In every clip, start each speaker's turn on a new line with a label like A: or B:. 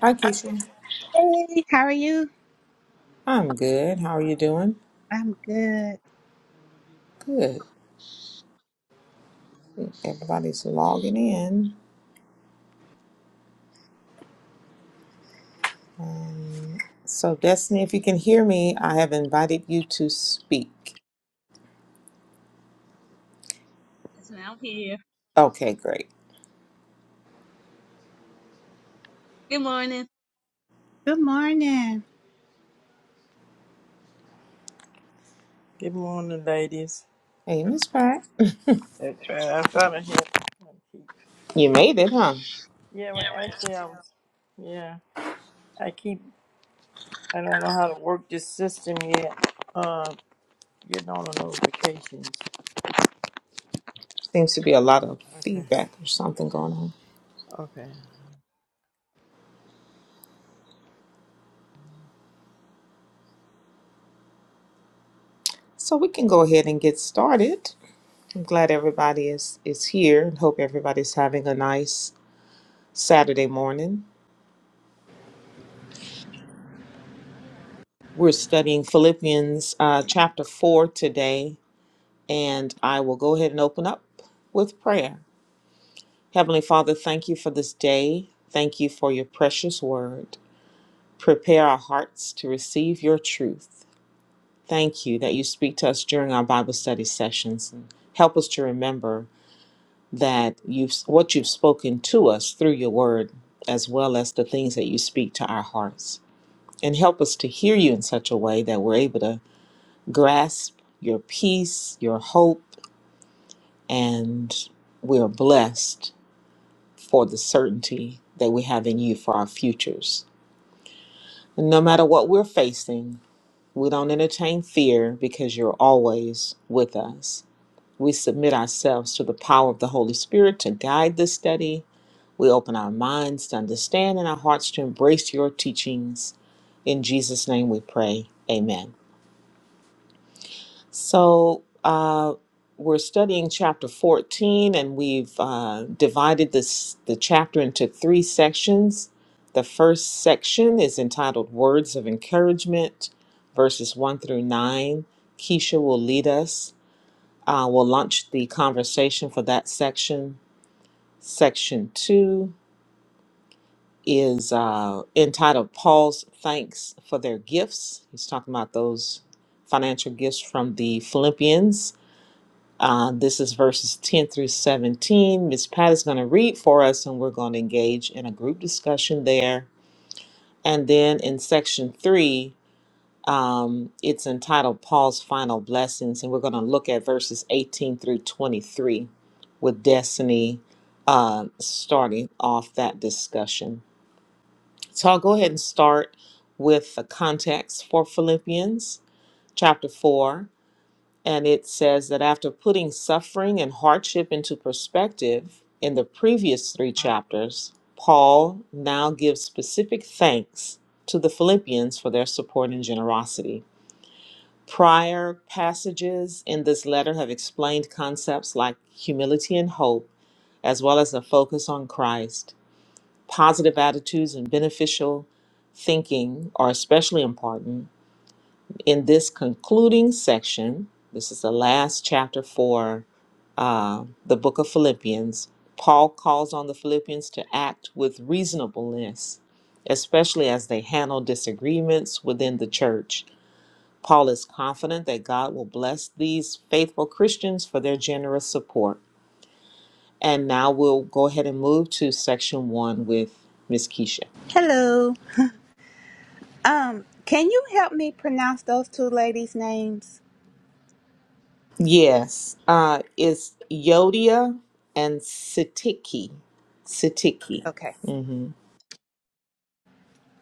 A: Hi, Keisha.
B: Hey, how are you?
A: I'm good. How are you doing?
B: I'm good.
A: Good. Everybody's logging in. Um, so, Destiny, if you can hear me, I have invited you to speak.
C: Yes, ma'am. I'm here.
A: Okay, great.
C: Good morning.
B: Good morning.
D: Good morning, ladies.
A: Hey, Miss Pratt.
D: I'm I'm trying to help. my people.
A: You made it, huh?
D: Yeah, well, actually, I was. Yeah, I keep. I don't know how to work this system yet. Uh, getting all the notifications.
A: Seems to be a lot of
D: Okay.
A: feedback or something going on.
D: Okay.
A: So we can go ahead and get started. I'm glad everybody is is here and hope everybody's having a nice Saturday morning. We're studying Philippians uh, chapter 4 today And I will go ahead and open up with prayer. Heavenly Father, thank you for this day. Thank you for your precious word. Prepare our hearts to receive your truth. Thank you that you speak to us during our Bible study sessions and help us to remember that you've what you've spoken to us through your word as well as the things that you speak to our hearts. And help us to hear you in such a way that we're able to grasp your peace, your hope, and we're blessed for the certainty that we have in you for our futures. And no matter what we're facing, we don't entertain fear because you're always with us. We submit ourselves to the power of the Holy Spirit to guide this study. We open our minds to understand and our hearts to embrace your teachings. In Jesus' name we pray. Amen. So, uh, we're studying chapter 14, and we've uh, divided this the chapter into three sections. The first section is entitled Words of Encouragement, verses 1 through 9. Keisha will lead us. Uh, we'll launch the conversation for that section. Section 2 is uh, entitled Paul's Thanks for Their Gifts. He's talking about those financial gifts from the Philippians Uh, this is verses 10 through 17. Miss Pat is going to read for us, and we're going to engage in a group discussion there. And then in section three, um, it's entitled Paul's Final Blessings, and we're going to look at verses 18 through 23 with Destiny uh, starting off that discussion. So I'll go ahead and start with the context for Philippians chapter 4. And it says that after putting suffering and hardship into perspective in the previous three chapters, Paul now gives specific thanks to the Philippians for their support and generosity. Prior passages in this letter have explained concepts like humility and hope, as well as a focus on Christ. Positive attitudes and beneficial thinking are especially important. In this concluding section, this is the last chapter for uh, the book of Philippians, Paul calls on the Philippians to act with reasonableness, especially as they handle disagreements within the church. Paul is confident that God will bless these faithful Christians for their generous support. And now we'll go ahead and move to section one with Miss Keisha.
B: Hello. Um, can you help me pronounce those two ladies' names?
A: Yes, uh, it's Yodia and Sitiki. Sitiki.
B: Okay.
A: hmm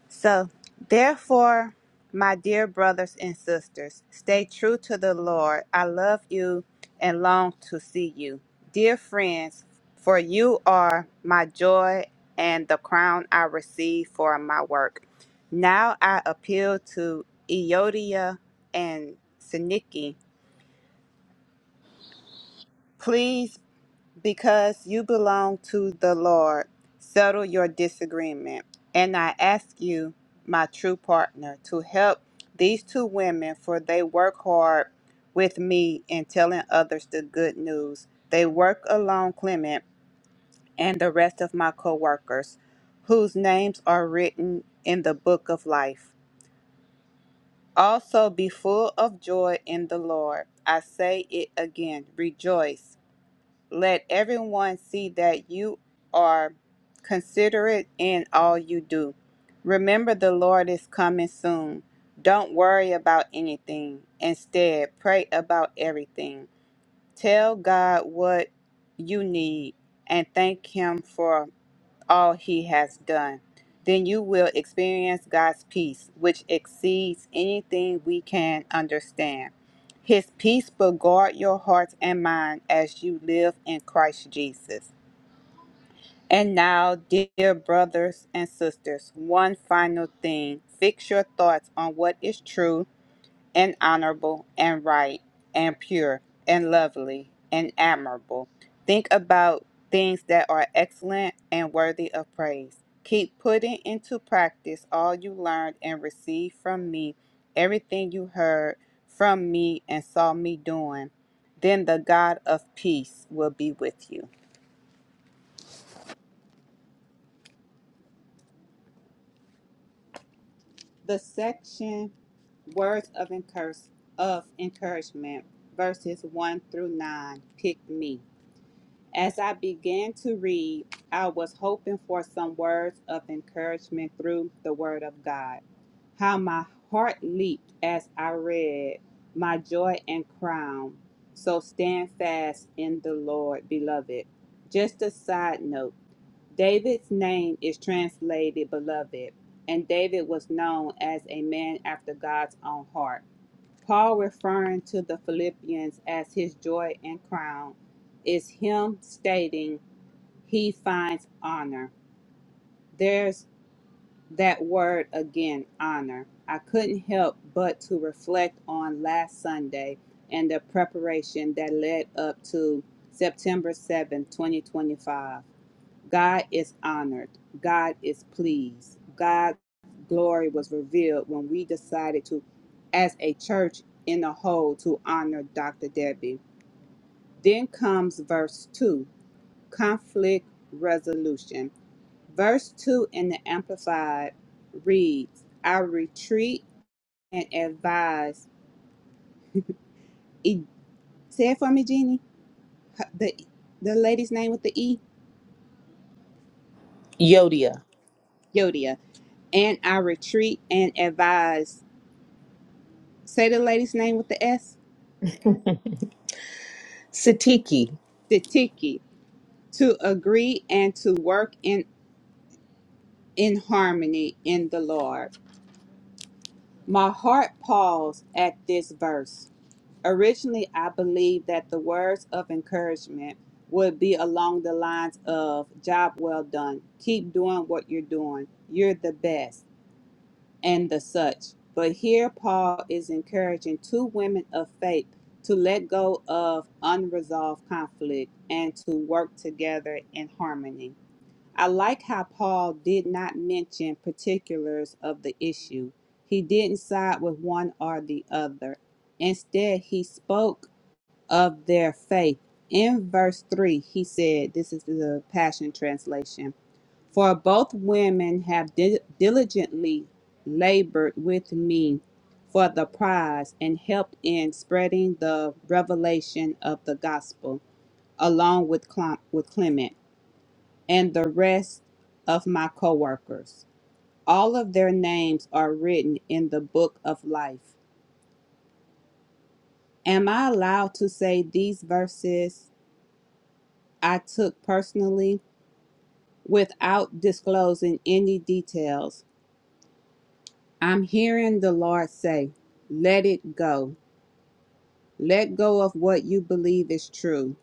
B: So, therefore, my dear brothers and sisters, stay true to the Lord. I love you and long to see you. Dear friends, for you are my joy and the crown I receive for my work. Now I appeal to Eodia and Syntyche Please, because you belong to the Lord, settle your disagreement. And I ask you, my true partner, to help these two women, for they work hard with me in telling others the good news. They work along Clement and the rest of my co workers, whose names are written in the book of life. Also, be full of joy in the Lord. I say it again rejoice. Let everyone see that you are considerate in all you do. Remember, the Lord is coming soon. Don't worry about anything. Instead, pray about everything. Tell God what you need and thank Him for all he has done. Then you will experience God's peace, which exceeds anything we can understand. His peace will guard your hearts and mind as you live in Christ Jesus. And now, dear brothers and sisters, one final thing. Fix your thoughts on what is true and honorable and right and pure and lovely and admirable. Think about things that are excellent and worthy of praise. Keep putting into practice all you learned and received from me, everything you heard from me and saw me doing. Then the God of peace will be with you. The section words of encourage, of encouragement verses 1 through 9 pick me As I began to read, I was hoping for some words of encouragement through the Word of God. How my heart leaped as I read, My joy and crown. So stand fast in the Lord, beloved. Just a side note David's name is translated beloved, and David was known as a man after God's own heart. Paul, referring to the Philippians as his joy and crown, is him stating he finds honor. There's that word again, honor. I couldn't help but to reflect on last Sunday and the preparation that led up to September seventh, 2025. God is honored. God is pleased. God's glory was revealed when we decided to, as a church in a whole, to honor Dr. Debbie. Then comes verse 2 conflict resolution. Verse 2 in the Amplified reads, I retreat and advise. E- say it for me, Jeannie. H- The, the lady's name with the E?
A: Yodia.
B: Yodia. And I retreat and advise say the lady's name with the S,
A: Sitiki.
B: Sitiki, to agree and to work in, in harmony in the Lord. My heart paused at this verse. Originally, I believed that the words of encouragement would be along the lines of job well done, keep doing what you're doing, you're the best. and the such. But here Paul is encouraging two women of faith to let go of unresolved conflict and to work together in harmony. I like how Paul did not mention particulars of the issue. He didn't side with one or the other. Instead, he spoke of their faith. In verse 3, he said, This is the Passion Translation. For both women have di- diligently labored with me for the prize and helped in spreading the revelation of the gospel, along with, Cl- with Clement and the rest of my co workers. All of their names are written in the book of life. Am I allowed to say these verses I took personally without disclosing any details? I'm hearing the Lord say, let it go. Let go of what you believe is true.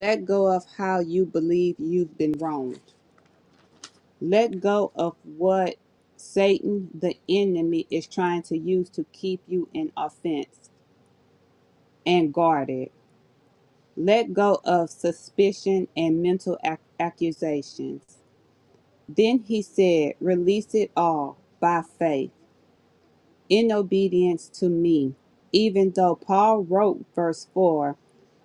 B: Let go of how you believe you've been wronged. Let go of what Satan, the enemy, is trying to use to keep you in offense and guarded. Let go of suspicion and mental ac- accusations. Then he said, release it all by faith. in obedience to me. Even though Paul wrote verse 4,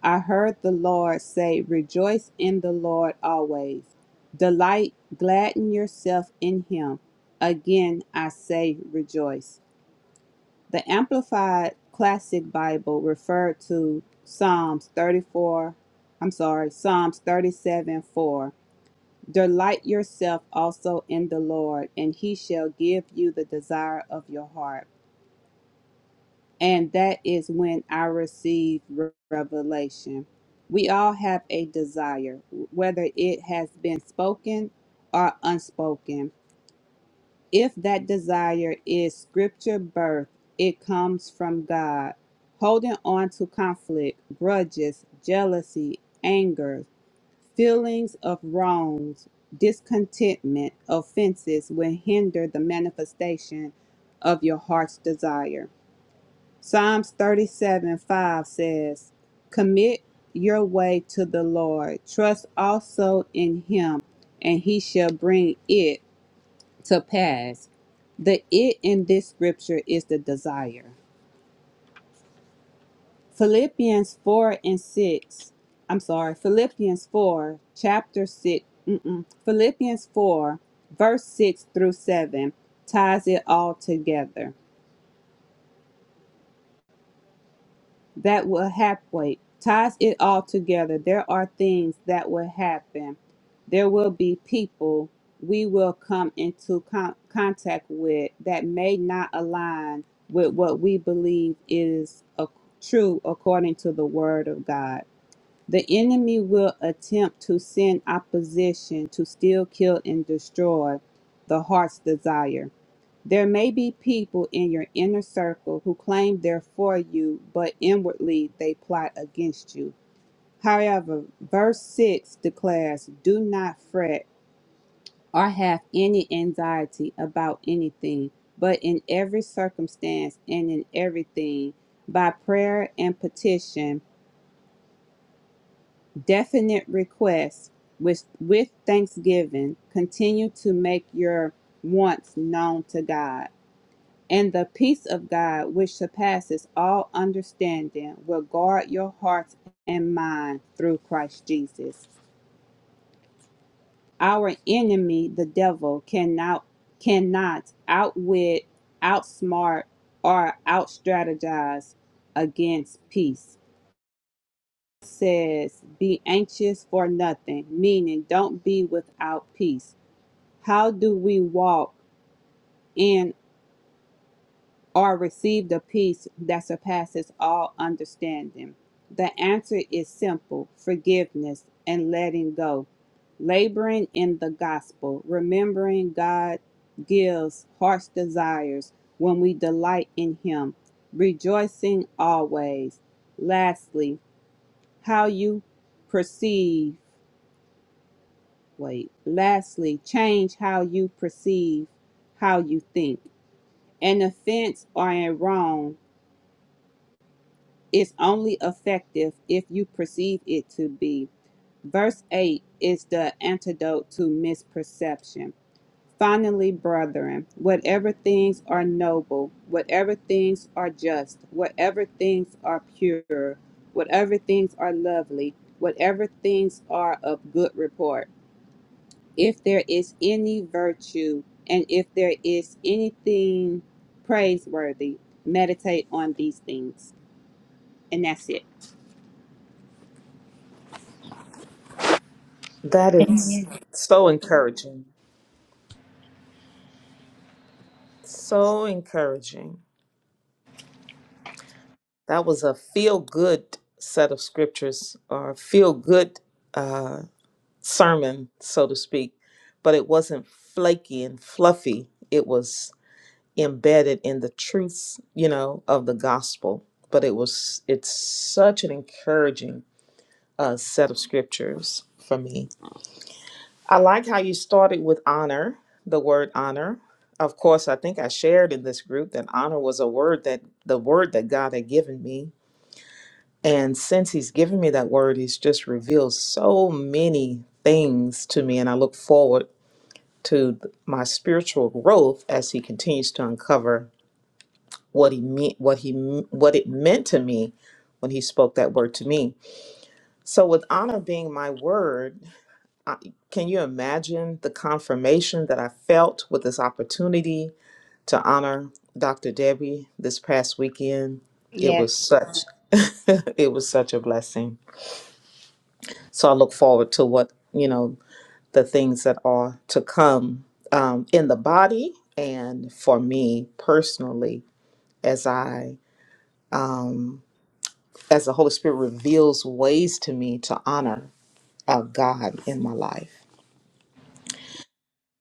B: I heard the Lord say, Rejoice in the Lord always. Delight, gladden yourself in him. Again, I say, Rejoice. The Amplified Classic Bible referred to Psalms 34, I'm sorry, Psalms 37 4. Delight yourself also in the Lord, and he shall give you the desire of your heart. And that is when I received re- revelation. We all have a desire, whether it has been spoken or unspoken. If that desire is scripture birth, it comes from God. Holding on to conflict, grudges, jealousy, anger, feelings of wrongs, discontentment, offenses will hinder the manifestation of your heart's desire. Psalms 37 5 says, Commit your way to the Lord, trust also in him, and he shall bring it to pass. The it in this scripture is the desire. Philippians 4 and 6, I'm sorry, Philippians 4, chapter 6, mm-mm, Philippians 4, verse 6 through 7 ties it all together. that will happen. ties it all together. There are things that will happen. There will be people we will come into con- contact with that may not align with what we believe is a- true according to the Word of God. The enemy will attempt to send opposition to still kill and destroy the heart's desire. There may be people in your inner circle who claim they're for you, but inwardly they plot against you. However, verse 6 declares, Do not fret or have any anxiety about anything, but in every circumstance and in everything, by prayer and petition, definite requests with, with thanksgiving, continue to make your wants known to God. And the peace of God, which surpasses all understanding, will guard your hearts and minds through Christ Jesus. Our enemy, the devil, cannot cannot outwit, outsmart, or outstrategize against peace. It says, "Be anxious for nothing," meaning don't be without peace. How do we walk? in? or receive the peace that surpasses all understanding? The answer is simple forgiveness and letting go. Laboring in the gospel, remembering God gives heart's desires when we delight in Him, rejoicing always. Lastly, how you perceive, wait, lastly, change how you perceive, how you think. An offense or a wrong It's only effective if you perceive it to be. Verse 8 is the antidote to misperception. Finally, brethren, whatever things are noble, whatever things are just, whatever things are pure, whatever things are lovely, whatever things are of good report, if there is any virtue, and if there is anything praiseworthy, meditate on these things. And that's it.
A: That
E: And
A: is
E: yeah,
A: so encouraging. So encouraging. That was a feel good set of scriptures or feel good uh, sermon, so to speak, but it wasn't flaky and fluffy. It was embedded in the truths, you know, of the gospel. But it was, it's such an encouraging uh, set of scriptures for me. I like how you started with honor, the word honor. Of course, I think I shared in this group that honor was a word that the word that God had given me. And since He's given me that word, He's just revealed so many things to me. And I look forward to my spiritual growth as He continues to uncover what He meant, what He, what it meant to me when He spoke that word to me. So, with honor being my word, I- can you imagine the confirmation that I felt with this opportunity to honor Dr. Debbie this past weekend? It was such it was such a blessing. So I look forward to what, you know, the things that are to come um, in the body and for me personally as I as the Holy Spirit reveals ways to me to honor uh, God in my life.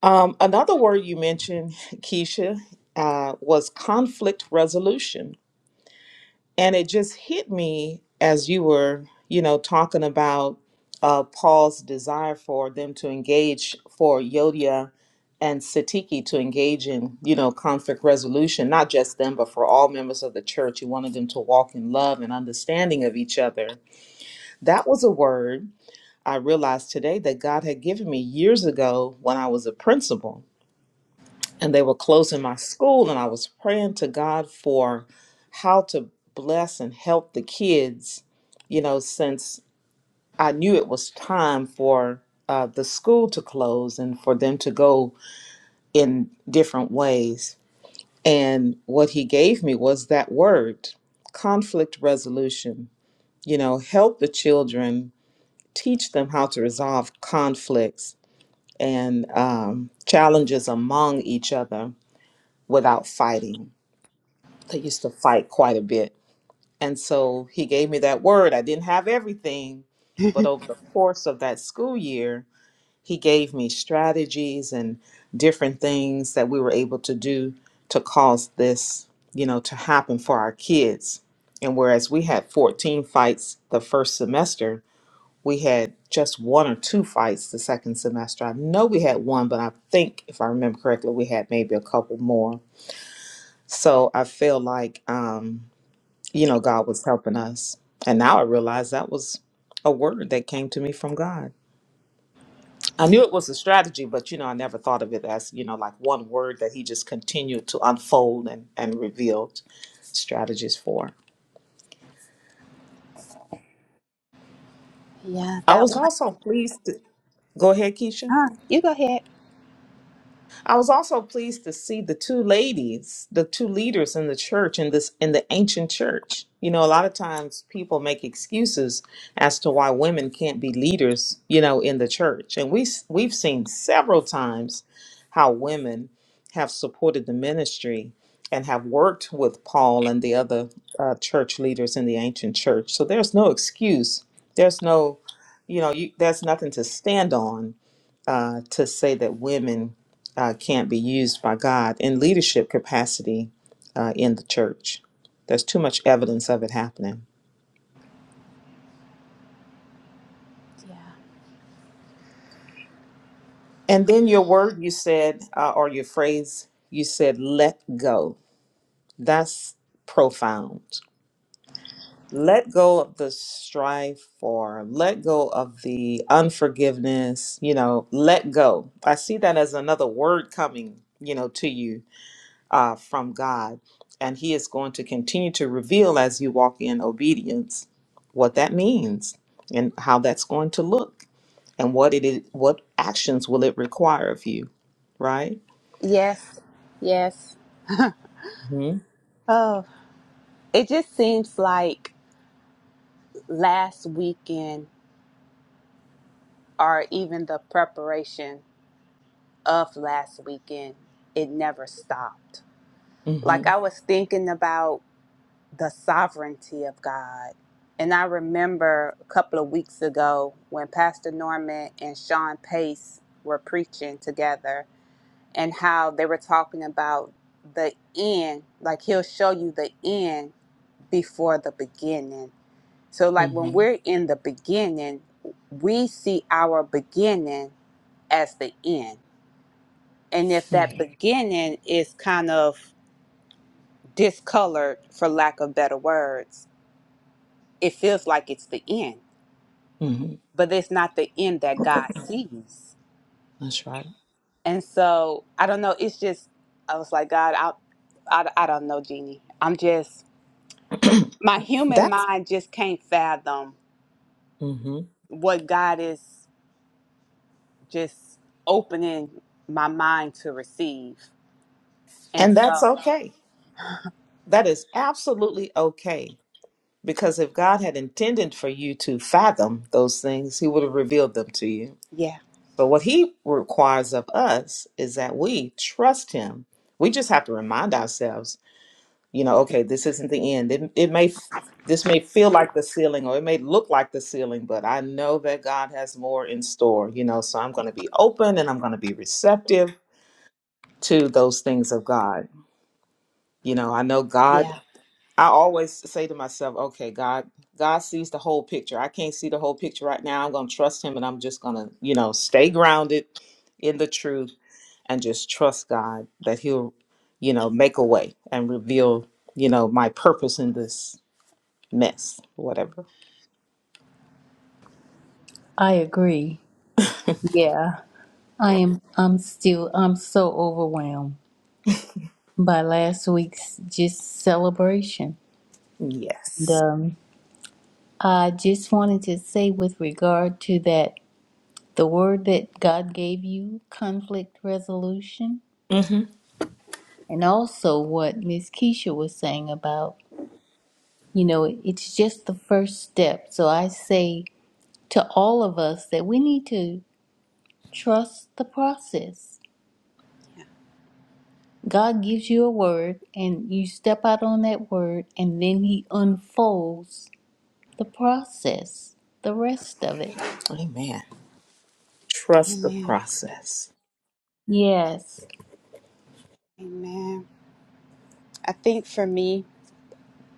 A: Um, another word you mentioned, Keisha, uh, was conflict resolution. And it just hit me as you were, you know, talking about uh, Paul's desire for them to engage, for Yodia and Satiki to engage in, you know, conflict resolution, not just them, but for all members of the church. He wanted them to walk in love and understanding of each other. That was a word I realized today that God had given me years ago when I was a principal and they were closing my school and I was praying to God for how to bless and help the kids, you know, since I knew it was time for uh, the school to close and for them to go in different ways. And what he gave me was that word conflict resolution. You know, help the children, teach them how to resolve conflicts and um, challenges among each other without fighting They used to fight quite a bit. And so he gave me that word. I didn't have everything, but over the course of that school year, he gave me strategies and different things that we were able to do to cause this, you know, to happen for our kids. And whereas we had 14 fights the first semester, we had just one or two fights the second semester. I know we had one, but I think, if I remember correctly, we had maybe a couple more. So I feel like, um, you know, God was helping us. And now I realize that was a word that came to me from God. I knew it was a strategy, but you know, I never thought of it as, you know, like one word that he just continued to unfold and, and revealed strategies for.
B: Yeah,
A: I
B: that
A: was also pleased to go ahead, Keisha.
B: Ah, you go ahead.
A: I was also pleased to see the two ladies, the two leaders in the church in this in the ancient church. You know, a lot of times people make excuses as to why women can't be leaders, you know, in the church. And we s- we've seen several times how women have supported the ministry and have worked with Paul and the other uh, church leaders in the ancient church. So there's no excuse. There's no, you know, you, there's nothing to stand on uh, to say that women uh, can't be used by God in leadership capacity uh, in the church. There's too much evidence of it happening. And then your word you said, uh, or your phrase you said, let go. That's profound. Let go of the strife or let go of the unforgiveness, you know, let go. I see that as another word coming, you know, to you uh, from God. And He is going to continue to reveal as you walk in obedience what that means and how that's going to look and what it is, what actions will it require of you, right?
B: Yes, yes.
A: hmm
B: Oh, it just seems like last weekend, or even the preparation of last weekend, it never stopped.
A: hmm
B: Like I was thinking about the sovereignty of God. And I remember a couple of weeks ago when Pastor Norman and Sean Pace were preaching together and how they were talking about the end, like he'll show you the end before the beginning. So, like when
A: hmm
B: we're in the beginning, we see our beginning as the end. And if that beginning is kind of discolored, for lack of better words, it feels like it's the end,
A: hmm
B: but it's not the end that God sees.
A: That's right.
B: And so, I don't know. It's just, I was like, God, I, I, I don't know, Jeannie. I'm just, my human
A: that's
B: mind just can't fathom
A: hmm
B: what God is. just opening my mind to receive. And
A: and that's
B: so,
A: okay. That is absolutely okay. Because if God had intended for you to fathom those things, He would have revealed them to you
B: yeah,
A: So what he requires of us is that we trust him. We just have to remind ourselves, you know, okay, this isn't the end. It, it may this may feel like the ceiling or it may look like the ceiling, but I know that God has more in store, you know, so I'm going to be open and I'm going to be receptive to those things of God. You know, I know God
B: yeah.
A: I always say to myself, okay, God, God sees the whole picture. I can't see the whole picture right now. I'm going to trust him and I'm just going to, you know, stay grounded in the truth and just trust God that He'll, you know, make a way and reveal, you know, my purpose in this mess, whatever.
E: I agree. Yeah, I am. I'm still. I'm so overwhelmed by last week's just celebration. And
A: Yes.
E: um, I just wanted to say, with regard to that, the word that God gave you, conflict resolution,
A: hmm
E: and also what Miss Keisha was saying about, you know, it's just the first step. So I say to all of us that we need to trust the process God gives you a word and you step out on that word and then he unfolds the process, the rest of it.
A: Amen. Trust the
B: Amen.
A: process.
E: Yes.
B: Amen. I think for me,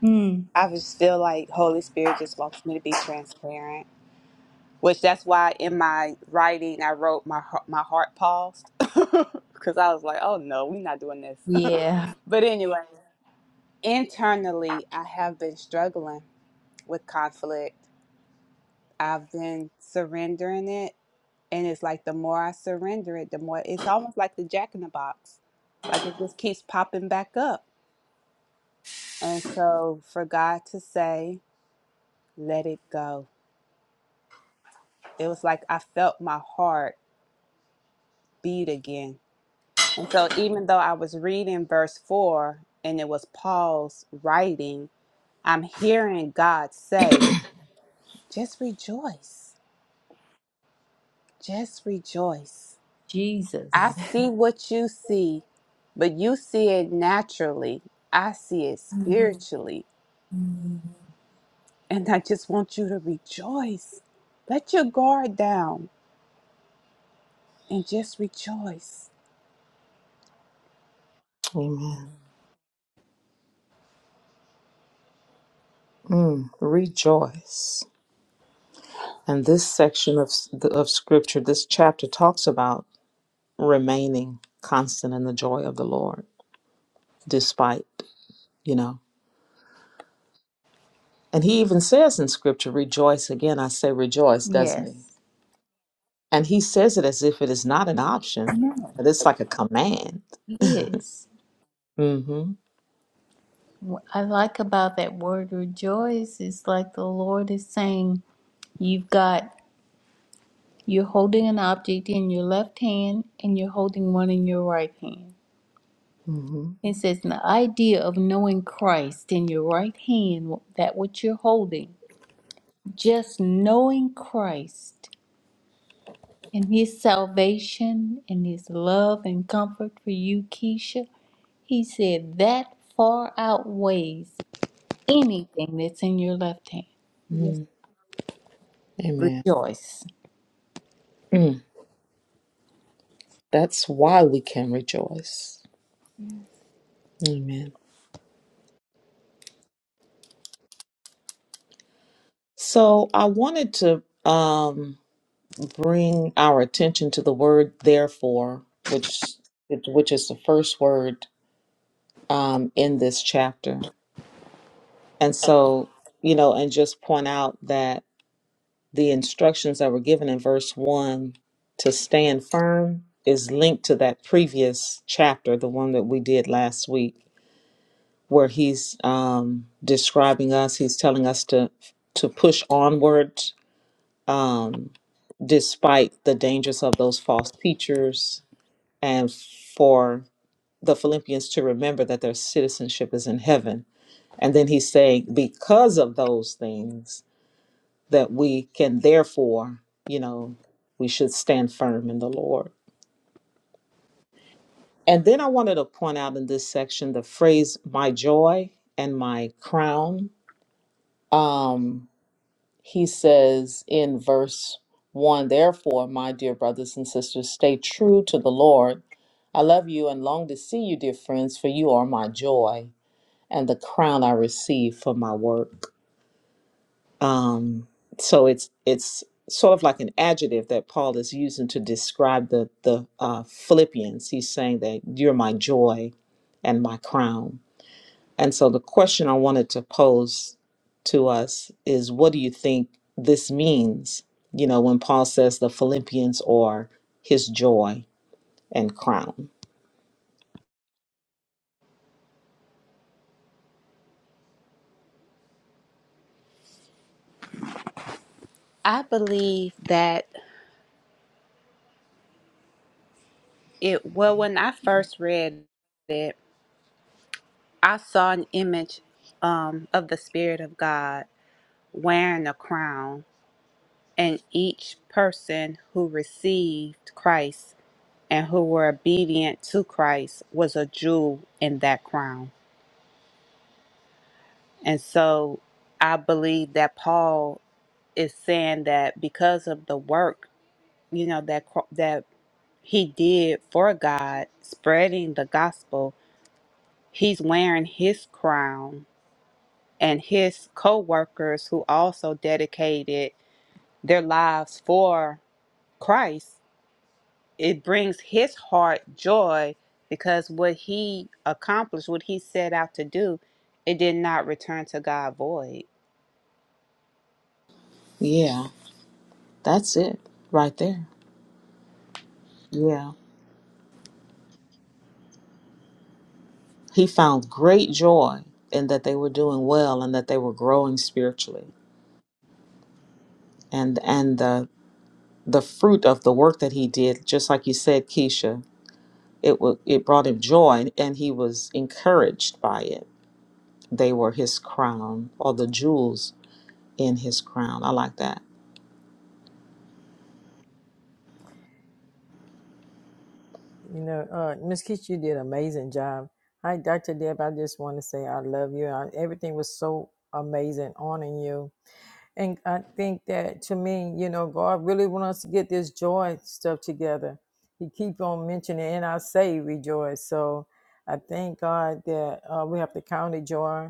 E: Mm.
B: I just feel like Holy Spirit just wants me to be transparent, which that's why in my writing I wrote my heart- my heart paused because I was like, oh no, we're not doing this.
E: Yeah.
B: but anyway, internally, I have been struggling with conflict. I've been surrendering it And it's like the more I surrender it, the more it's almost like the jack in the box. Like it just keeps popping back up. And so for God to say, let it go, it was like I felt my heart beat again. And so even though I was reading verse four and it was Paul's writing, I'm hearing God say, just rejoice, just rejoice. I
E: Jesus.
B: see what you see, but you see it naturally. I see it spiritually.
E: Mm.
B: And I just want you to rejoice. Let your guard down and just rejoice.
A: Amen. Mm, rejoice. And this section of s- the, of Scripture, this chapter talks about remaining constant in the joy of the Lord, despite, you know. And He even says in Scripture, "Rejoice." Again, I say rejoice, doesn't He?
E: Yes.
A: And he says it as if it is not an option,
E: No.
A: but it's like a command.
E: Yes.
A: Mm-hmm.
E: What I like about that word rejoice is like the Lord is saying, you've got, you're holding an object in your left hand and you're holding one in your right hand.
A: Mm-hmm.
E: It says, the idea of knowing Christ in your right hand, that which you're holding, just knowing Christ and His salvation and His love and comfort for you, Keisha, He said that far outweighs anything that's in your left hand.
B: Yes.
A: Mm. Amen.
E: Rejoice.
A: Mm. That's why we can rejoice.
B: Yes.
A: Amen. So I wanted to um, bring our attention to the word therefore, which which is the first word um, in this chapter. And so, you know, and just point out that the instructions that were given in verse 1 to stand firm is linked to that previous chapter, the one that we did last week, where he's um, describing us, he's telling us to to push onward um, despite the dangers of those false teachers and for the Philippians to remember that their citizenship is in heaven. And then he's saying, because of those things, that we can therefore, you know, we should stand firm in the Lord. And then I wanted to point out in this section the phrase my joy and my crown. Um, he says in verse 1 Therefore, my dear brothers and sisters, stay true to the Lord. I love you and long to see you, dear friends, for you are my joy and the crown I receive for my work. Um, so it's it's sort of like an adjective that Paul is using to describe the the uh, Philippians. He's saying that you're my joy and my crown. And so the question I wanted to pose to us is, what do you think this means? You know, when Paul says the Philippians are his joy and crown.
B: I believe that it, well, when I first read it, I saw an image um, of the Spirit of God wearing a crown, and each person who received Christ and who were obedient to Christ was a jewel in that crown. And so I believe that Paul is saying that because of the work, you know, that cro- that he did for God, spreading the gospel, he's wearing his crown and his co-workers who also dedicated their lives for Christ it brings his heart joy because what he accomplished, what he set out to do, it did not return to God void.
A: Yeah, that's it right there. Yeah. He found great joy in that they were doing well and that they were growing spiritually. and and the the fruit of the work that he did, just like you said, Keisha, it wa it brought him joy, and and he was encouraged by it. They were his crown, or the jewels in his crown. I like that.
D: You know, uh, Miss Keach, you did an amazing job. Hi, Dr. Deb. I just want to say I love you. I, everything was so amazing on in you. And I think that to me, you know, God really wants us to get this joy stuff together. He keep on mentioning, and I say rejoice. So I thank God that uh, we have to count it joy,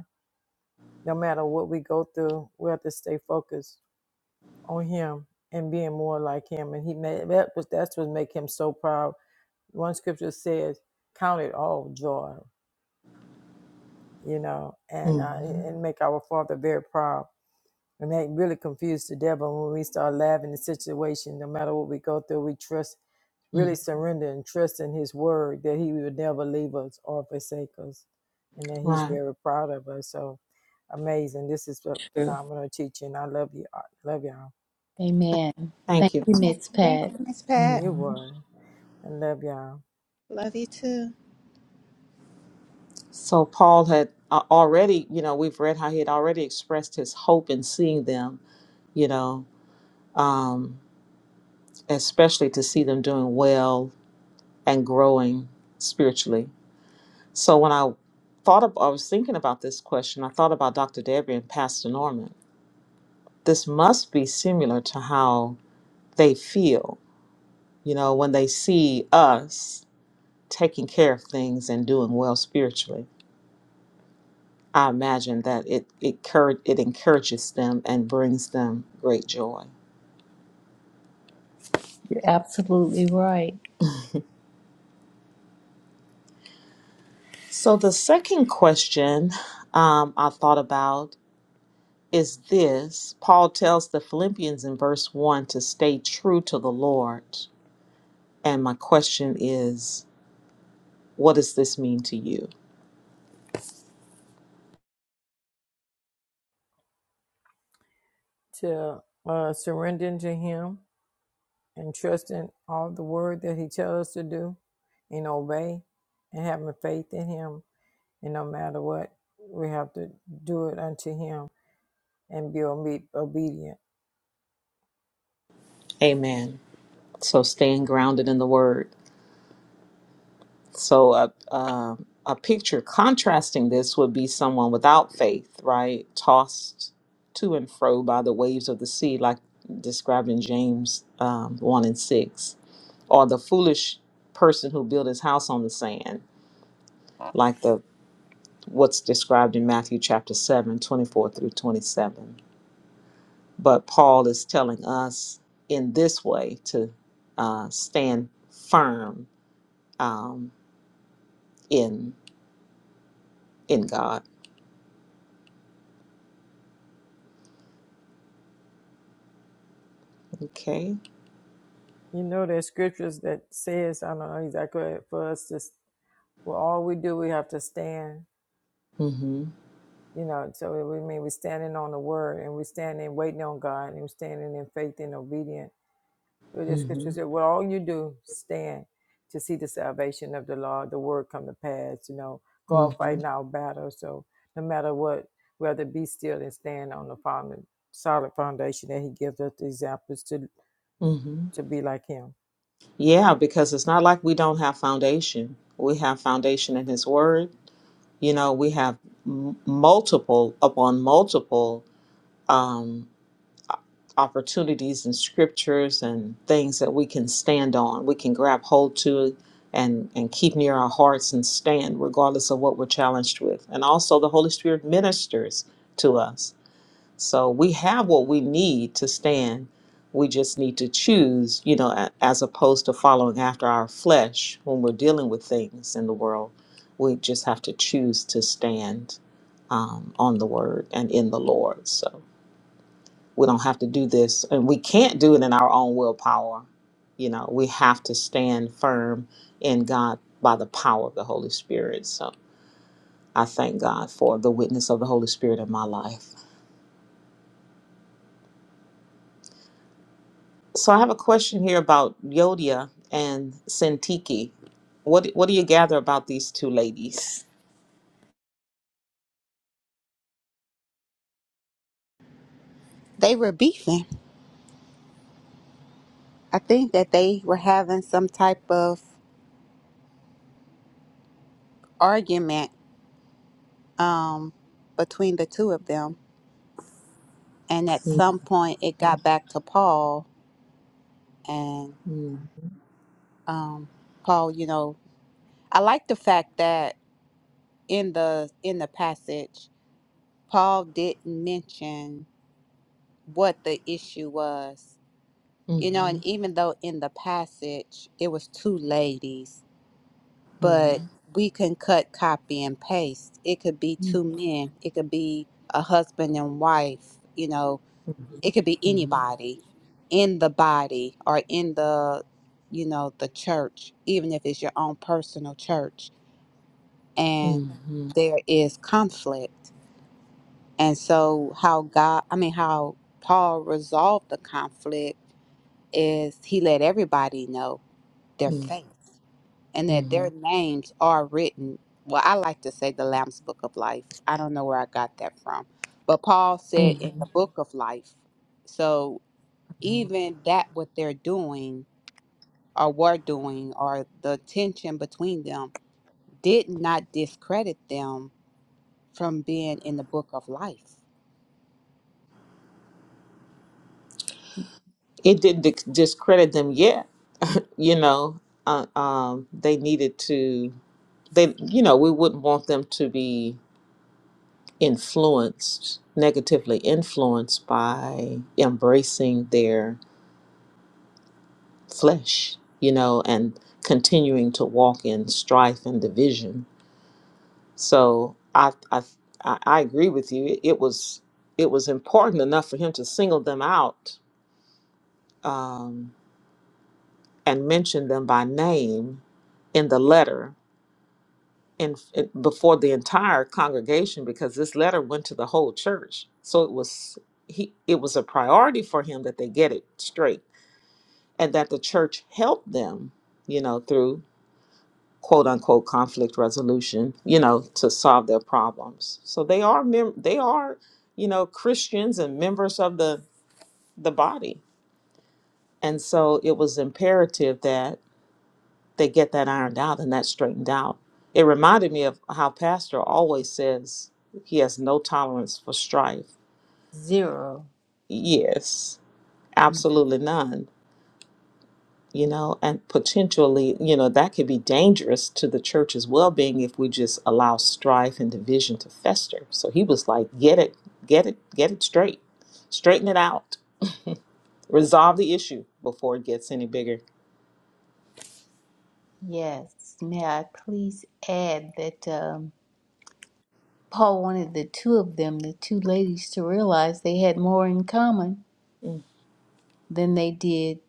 D: no matter what we go through. We have to stay focused on Him and being more like Him. And He made that was that's what make Him so proud. One scripture says, "Count it all joy," you know, and
A: hmm
D: uh, and make our Father very proud. And that really confused the devil when we start laughing the situation, no matter what we go through, we trust, really surrender and trust in his word that he will never leave us or forsake us. And that he's
A: Right.
D: very proud of us. So amazing. This is a
E: True.
D: phenomenal teaching. I love you. I love y'all.
E: Amen. Thank
A: Thank you.
E: you, Miss Pat.
D: You
A: hmm
D: were. I love y'all.
A: So Paul had uh, already, you know, we've read how he had already expressed his hope in seeing them, you know, um, especially to see them doing well and growing spiritually So when I thought of, I was thinking about this question, I thought about Dr. Debbie and Pastor Norman. This must be similar to how they feel, you know, when they see us taking care of things and doing well spiritually. I imagine that it it, cour- it encourages them and brings them great joy.
E: You're absolutely right.
A: So the second question um, I thought about is this: Paul tells the Philippians in verse one to stay true to the Lord And my question is, what does this mean to you?
D: To uh, surrendering to him and trusting all the word that he tells us to do and obey and having faith in him And no matter what, we have to do it unto him and be obe- obedient.
A: Amen. So staying grounded in the word. So a, a, a picture contrasting this would be someone without faith, right? Tossed to and fro by the waves of the sea, like described in James um, 1 and 6. Or the foolish person who built his house on the sand, like the what's described in Matthew chapter 7, 24 through 27 But Paul is telling us in this way to uh, stand firm um, in in God. Okay.
D: You know, there's scriptures that says, I don't know exactly, for us to, well, all we do, we have to stand,
A: Mm-hmm.
D: you know, so we mean we're standing on the word and we're standing waiting on God and we're standing in faith and obedience For the scripture
A: Mm-hmm.
D: said, Well, all you do, stand to see the salvation of the Lord, the word come to pass, you know, God
A: Mm-hmm.
D: fighting our battle. So no matter what, rather be still and stand on the found- solid foundation that he gives us the examples to
A: Mm-hmm.
D: to be like him.
A: Yeah, because it's not like we don't have foundation. We have foundation in His Word. You know, we have m- multiple upon multiple. um, opportunities and scriptures and things that we can stand on, we can grab hold to and, and keep near our hearts and stand regardless of what we're challenged with. And also, the Holy Spirit ministers to us. So we have what we need to stand. We just need to choose, you know, a- as opposed to following after our flesh when we're dealing with things in the world. We just have to choose to stand um, on the word and in the Lord. So we don't have to do this and we can't do it in our own willpower you know we have to stand firm in god by the power of the holy spirit so i thank god for the witness of the holy spirit in my life so i have a question here about yodia and sentiki what what do you gather about these two ladies
B: They were beefing. I think that they were having some type of argument um, between the two of them. And at
A: mm-hmm.
B: some point, it got back to Paul. And um, Paul, you know, I like the fact that in the in the passage, Paul didn't mention what the issue was You know,
A: Mm-hmm.
B: and even though in the passage it was two ladies,
A: Mm-hmm.
B: but we can cut, copy, and paste. It could be two men, it could be a husband and wife, you know, it could be
A: Mm-hmm.
B: anybody in the body or in the, you know, the church, even if it's your own personal church. And
A: Mm-hmm.
B: there is conflict. And so, how God, I mean, how Paul resolved the conflict is he let everybody know their faith and that
A: Mm-hmm.
B: their names are written. Well, I like to say the Lamb's Book of Life. I don't know where I got that from, but Paul said in
A: Mm-hmm.
B: the Book of Life. So even that, what they're doing or were doing, or the tension between them, did not discredit them from being in the Book of Life.
A: It didn't discredit them yet you know, uh, um, they needed to, they, you know, we wouldn't want them to be influenced, negatively influenced by embracing their flesh, you know, and continuing to walk in strife and division. So I, I, I I agree with you. It, it was, it was important enough for him to single them out um, and mention them by name in the letter in, in before the entire congregation because this letter went to the whole church. So it was he it was a priority for him that they get it straight and that the church helped them, you know, through quote unquote conflict resolution, you know, to solve their problems. So they are mem- they are, you know, Christians and members of the the body. And so it was imperative that they get that ironed out and that straightened out. It reminded me of how Pastor always says he has no tolerance for strife.
E: Zero.
A: Yes, absolutely none. You know, and potentially, you know, that could be dangerous to the church's well being if we just allow strife and division to fester. So he was like, get it, get it, get it straight, straighten it out, resolve the issue before it gets any bigger.
E: Yes. May I please add that? Um, Paul wanted the two of them, the two ladies, to realize they had more in common
A: Mm.
E: than they did,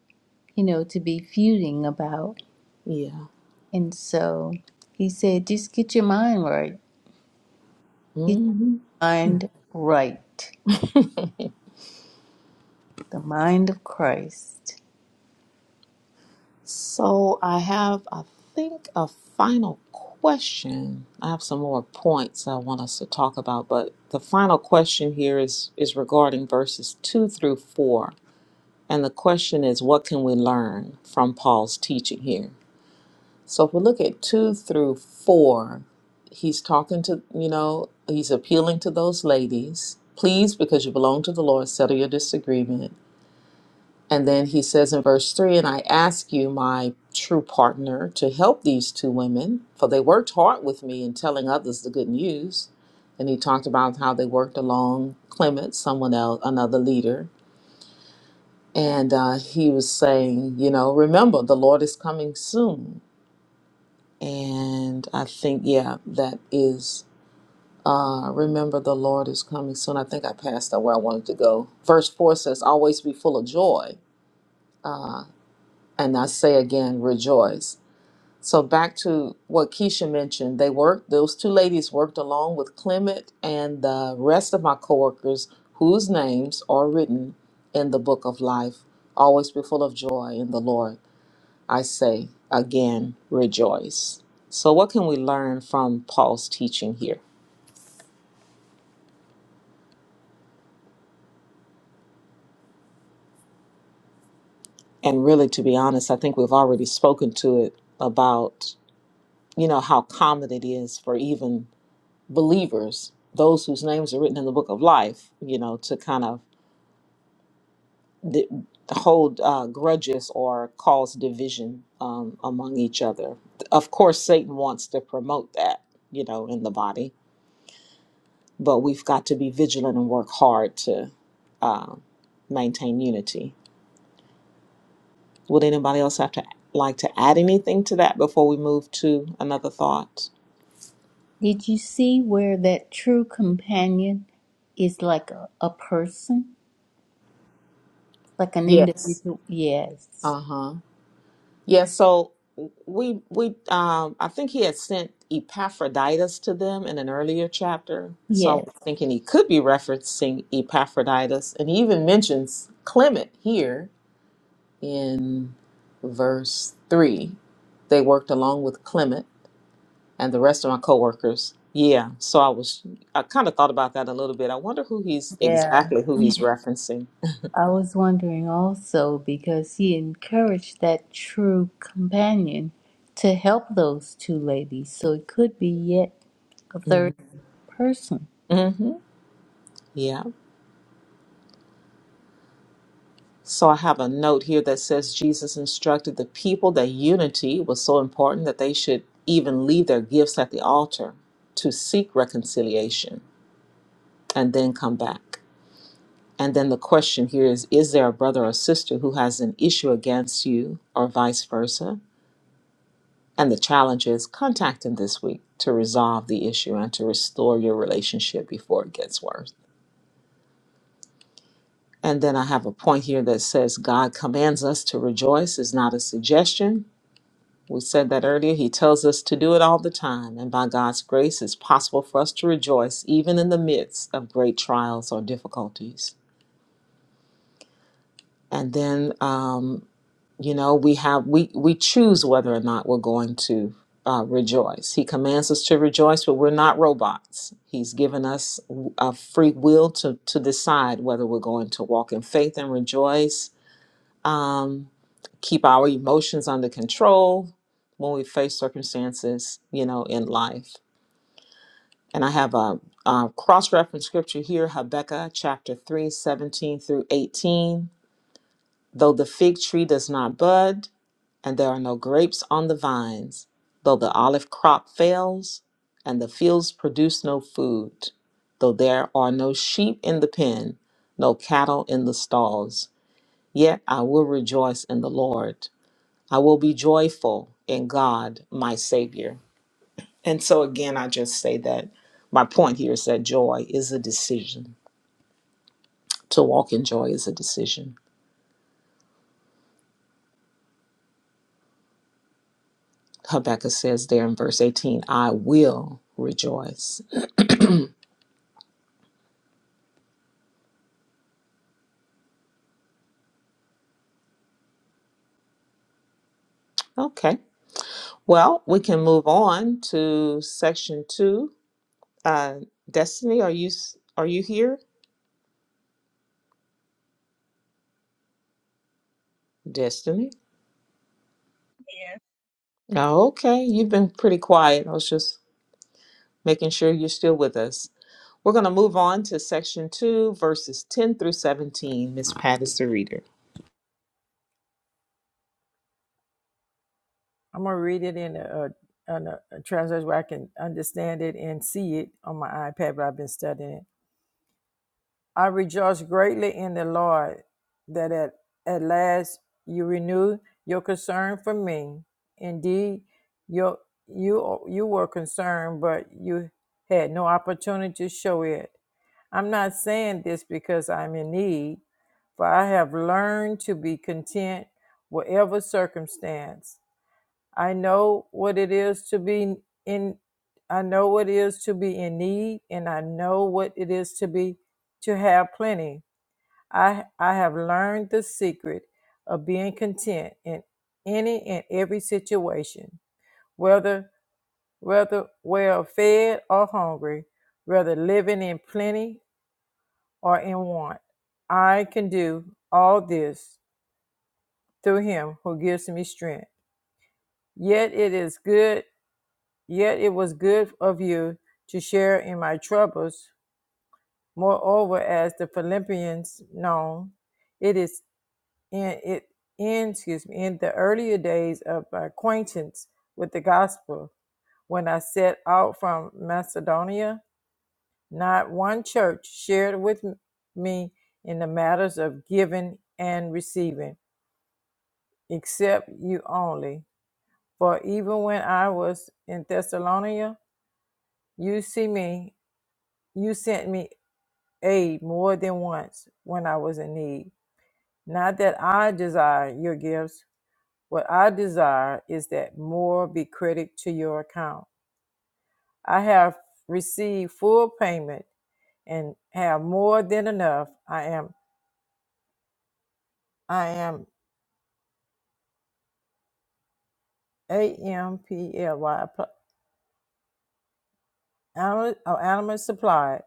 E: you know, to be feuding about.
A: Yeah.
E: And so he said, just get your mind right. Get
A: Mm-hmm.
E: your mind right. The mind of Christ.
A: So I have, I think, a final question. I have some more points I want us to talk about, but the final question here is is regarding verses two through four, and the question is, what can we learn from Paul's teaching here? So if we look at two through four, he's talking to you know he's appealing to those ladies. Please, because you belong to the Lord, settle your disagreement and then he says in verse 3 And I ask you, my true partner, to help these two women, for they worked hard with me in telling others the good news. And he talked about how they worked along Clement, someone else, another leader. And uh, he was saying, You know, remember, the Lord is coming soon. And I think, yeah, that is, uh, remember, the Lord is coming soon. I think I passed out where I wanted to go. Verse 4 says, Always be full of joy. And I say again, rejoice. So back to what Keisha mentioned, they worked, those two ladies worked along with Clement and the rest of my coworkers whose names are written in the book of life. Always be full of joy in the Lord. I say again, rejoice. So what can we learn from Paul's teaching here? And really to be honest, I think we've already spoken to it about, you know, how common it is for even believers, those whose names are written in the book of life, you know, to kind of d- hold uh, grudges or cause division um, among each other. Of course, Satan wants to promote that, you know, in the body, but we've got to be vigilant and work hard to uh, maintain unity. Would anybody else have to like to add anything to that before we move to another thought?
E: Did you see where that true companion is like a, a person? Like an
A: Yes.
E: individual? Yes.
A: Uh huh. Yeah, so we we um I think he had sent Epaphroditus to them in an earlier chapter. So I
E: Yes.
A: was thinking he could be referencing Epaphroditus, and he even mentions Clement here in verse three. They worked along with Clement and the rest of my coworkers. Yeah, so I was I kind of thought about that a little bit. I wonder who he's
E: Yeah.
A: exactly who he's referencing.
E: I was wondering also because he encouraged that true companion to help those two ladies, so it could be yet a third
A: Mm-hmm.
E: person.
A: hmm Yeah. So I have a note here that says Jesus instructed the people that unity was so important that they should even leave their gifts at the altar to seek reconciliation and then come back. And then the question here is Is there a brother or sister who has an issue against you or vice versa? And the challenge is contact him this week to resolve the issue and to restore your relationship before it gets worse. And then I have a point here that says God commands us to rejoice is not a suggestion, We said that earlier. He tells us to do it all the time, and by God's grace, it's possible for us to rejoice even in the midst of great trials or difficulties. And then, um, you know, we have we we choose whether or not we're going to uh, rejoice. He commands us to rejoice, but we're not robots. He's given us a free will to to decide whether we're going to walk in faith and rejoice, um, keep our emotions under control when we face circumstances, you know, in life And I have a, uh cross reference scripture here Habakkuk chapter 3, 17 through 18. Though the fig tree does not bud, and there are no grapes on the vines, though the olive crop fails, and the fields produce no food, though there are no sheep in the pen, no cattle in the stalls, yet I will rejoice in the Lord. I will be joyful in God, my Savior. And so, again, I just say that my point here is that joy is a decision. To walk in joy is a decision. Habakkuk says there in verse 18, I will rejoice. Okay. Well, we can move on to section two. Uh, Destiny, are you s- are you here? Destiny.
C: Here.
A: Oh, Okay, you've been pretty quiet. I was just making sure you're still with us. We're going to move on to section two, verses 10 through 17. Miss Pat is the reader.
D: I'm gonna read it in a, a, in a, a translation where I can understand it and see it on my iPad, but I've been studying it. I rejoice greatly in the Lord that at, at last you renew your concern for me. Indeed, your, you, you were concerned, but you had no opportunity to show it. I'm not saying this because I'm in need, for I have learned to be content, whatever circumstance. I know what it is to be in I know what it is to be in need and I know what it is to be to have plenty. I I have learned the secret of being content in any and every situation, whether whether well fed or hungry, whether living in plenty or in want. I can do all this through him who gives me strength. Yet it is good Yet it was good of you to share in my troubles. Moreover, as the Philippians know, it is in it in excuse me in the earlier days of my acquaintance with the gospel, when I set out from Macedonia, not one church shared with m- me in the matters of giving and receiving, except you only. For even when I was in Thessalonica, you see me you sent me aid more than once when I was in need. Not that I desire your gifts, what I desire is that more be credited to your account. I have received full payment and have more than enough. I am I am A M P L Y animal supplied.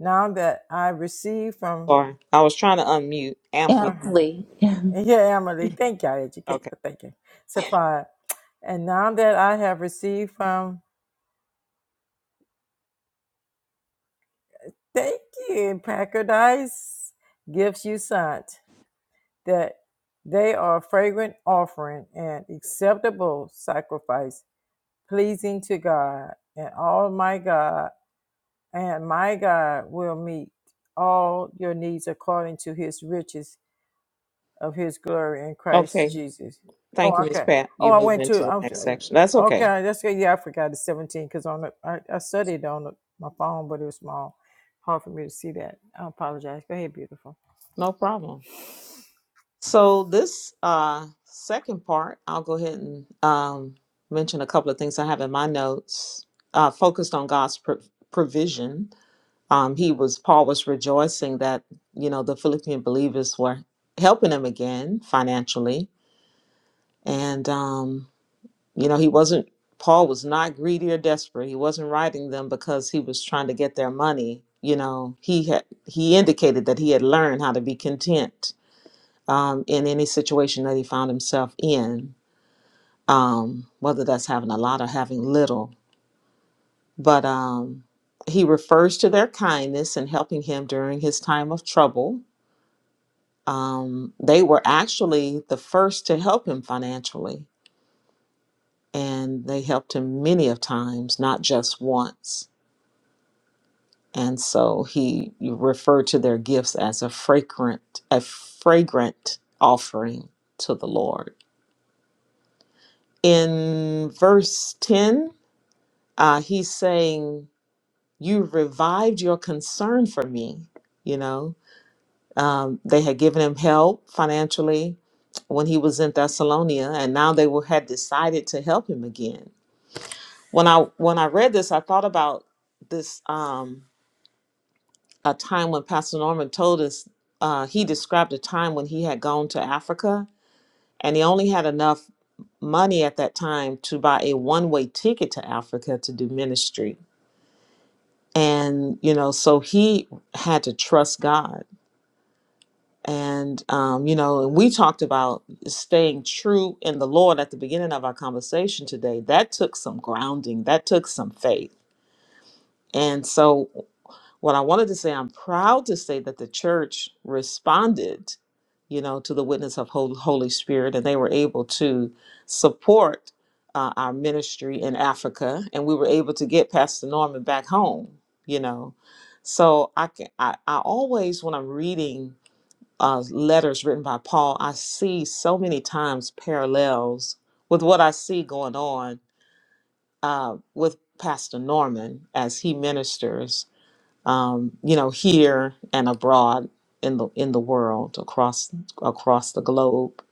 D: Now that I receive from
A: Sorry, I was trying to unmute amply.
E: Amply.
D: yeah, Emily, thank you, educate.
A: Okay.
D: Thank you, supplied. And now that I have received from Thank you. Paradise gifts you sent that they are a fragrant offering and acceptable sacrifice, pleasing to God. And all my God and my God will meet all your needs according to His riches of his glory in Christ
A: Okay.
D: Jesus. Oh,
A: Thank you, Miss
D: okay.
A: Pat.
D: Oh,
A: You
D: I
A: move
D: went to,
A: into the
D: I was,
A: next section. That's
D: uh,
A: okay.
D: okay, that's good. Yeah, I forgot the 17 because on the, I, I studied on the, my phone, but it was small. Hard for me to see that. I apologize. Go ahead, beautiful.
A: No problem. So this uh second part, I'll go ahead and um mention a couple of things I have in my notes. Uh focused on God's pro- provision. Um he was Paul was rejoicing that, you know, the Philippian believers were helping him again financially. And um You know, he wasn't, Paul was not greedy or desperate. He wasn't writing them because he was trying to get their money. You know, he had, he indicated that he had learned how to be content um, in any situation that he found himself in, um, whether that's having a lot or having little. But um, he refers to their kindness and helping him during his time of trouble. Um, they were actually the first to help him financially, and they helped him many of times, not just once And so he referred to their gifts as a fragrant, a fragrant offering to the Lord. In verse 10, uh, he's saying, You revived your concern for me. You know, um, they had given him help financially when he was in Thessalonia, and now they were, had decided to help him again. When I when I read this, I thought about this. Um, a time when Pastor Norman told us uh, he described a time when he had gone to Africa and he only had enough money at that time to buy a one way ticket to Africa to do ministry. And, you know, so he had to trust God. And, um, you know, and we talked about staying true in the Lord at the beginning of our conversation today. That took some grounding, that took some faith. And so What I wanted to say, I'm proud to say that the church responded, you know, to the witness of Hol- Holy Spirit, and they were able to support uh, our ministry in Africa, and we were able to get Pastor Norman back home, you know. So I can, I, I always when I'm reading uh, letters written by Paul, I see so many times parallels with what I see going on uh, with Pastor Norman as he ministers um, you know, here and abroad in the in the world across across the globe.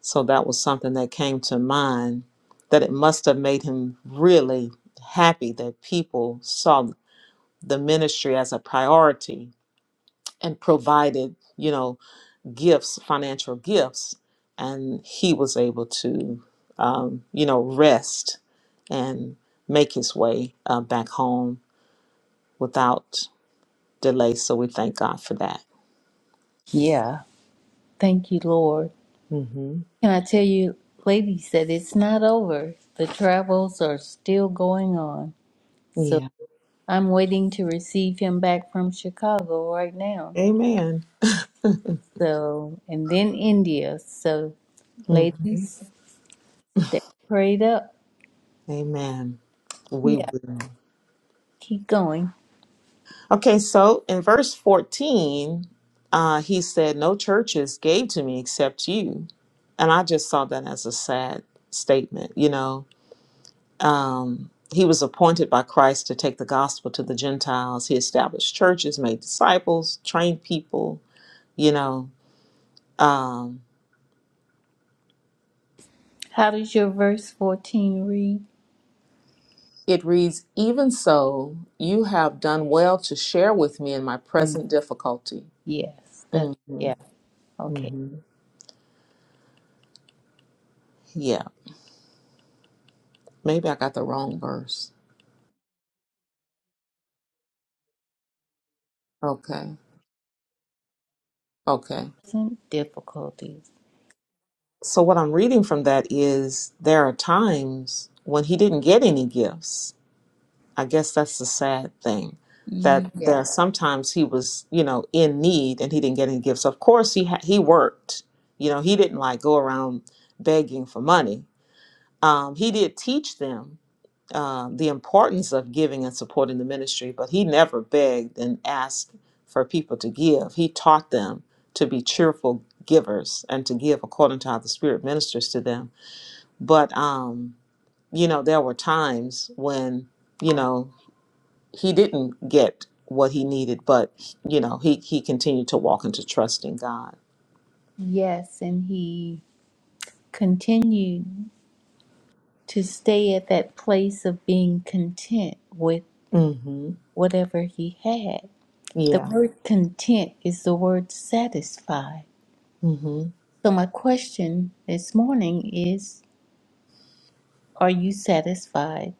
A: So that was something that came to mind that it must have made him really happy that people saw the ministry as a priority and provided, you know, gifts, financial gifts, and he was able to, um, you know, rest and make his way uh, back home without delay. So we thank God for that.
E: yeah. Thank you, Lord.
A: hmm
E: Can I tell you, ladies, that it's not over? The travels are still going on. So
A: Yeah.
E: I'm waiting to receive him back from Chicago right now.
A: Amen.
E: So, and then India. So,
A: hmm
E: ladies, stay prayed up.
A: Amen. We will.
E: Keep going.
A: Okay, so in verse 14, uh, he said, No churches gave to me except you. And I just saw that as a sad statement. You know, um, he was appointed by Christ to take the gospel to the Gentiles. He established churches, made disciples, trained people, you know. Um,
E: How does your verse 14 read?
A: It reads, Even so, you have done well to share with me in my
E: Mm.
A: present difficulty.
E: Yes,
A: hmm
E: that's, yeah, okay.
A: hmm Yeah, maybe I got the wrong verse. Okay, okay.
E: Some difficulties.
A: So, what I'm reading from that is there are times when he didn't get any gifts. I guess that's the sad thing that there are
E: Yeah.
A: sometimes he was, you know, in need and he didn't get any gifts. Of course, he ha- he worked. You know, he didn't like go around begging for money. Um, he did teach them um, the importance of giving and supporting the ministry, but he never begged and asked for people to give. He taught them to be cheerful givers and to give according to how the Spirit ministers to them. But, um, you know, there were times when, you know, he didn't get what he needed, but, you know, he, he continued to walk into trust in God.
E: Yes, and he continued to stay at that place of being content with
A: hmm
E: whatever he had. The
A: Yeah.
E: word content is the word satisfied.
A: hmm
E: So, my question this morning is Are you satisfied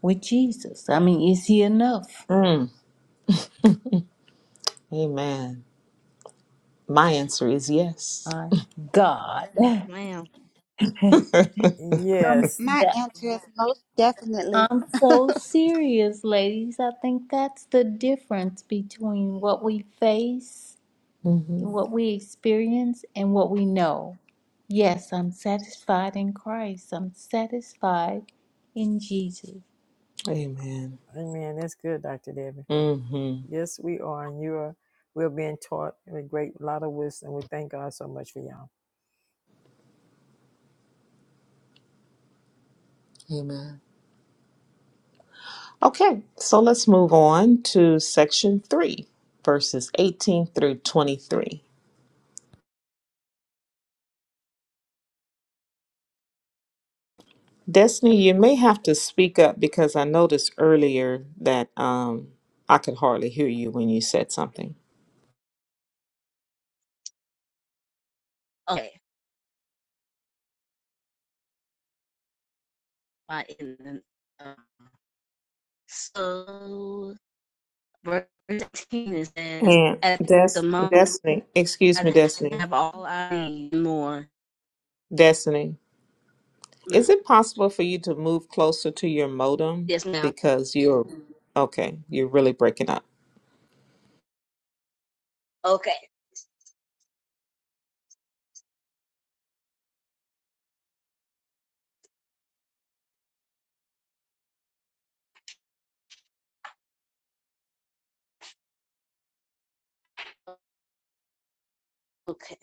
E: with Jesus? I mean, is he enough?
A: Mm. Amen. My answer is yes.
E: My God.
C: Yes, ma'am.
E: I'm,
D: Yes.
B: My
E: that,
B: answer is most definitely
E: I'm so serious, ladies. I think that's the difference between what we face,
D: hmm
A: hmm
E: what we experience, and what we know. Yes, I'm satisfied in Christ. I'm satisfied in Jesus.
A: Amen.
D: Amen. That's good, Dr. Debbie.
A: hmm
D: Yes, we are. And you are, we're being taught a great lot of wisdom. We thank God so much for y'all.
A: Amen. Okay, so let's move on to section three, verses 18 through 23. Destiny, you may have to speak up because I noticed earlier that um, I could hardly hear you when you said something.
C: Okay. My in uh, so verse 13 it says,
A: And
C: "At the
A: Des-
C: moment
A: Destiny, excuse
C: I
A: me, Destiny,
C: have all I need and more."
A: Destiny, is it possible for you to move closer to your modem
C: Yes, ma'am.
A: because you're okay? You're really breaking up.
C: Okay. Okay.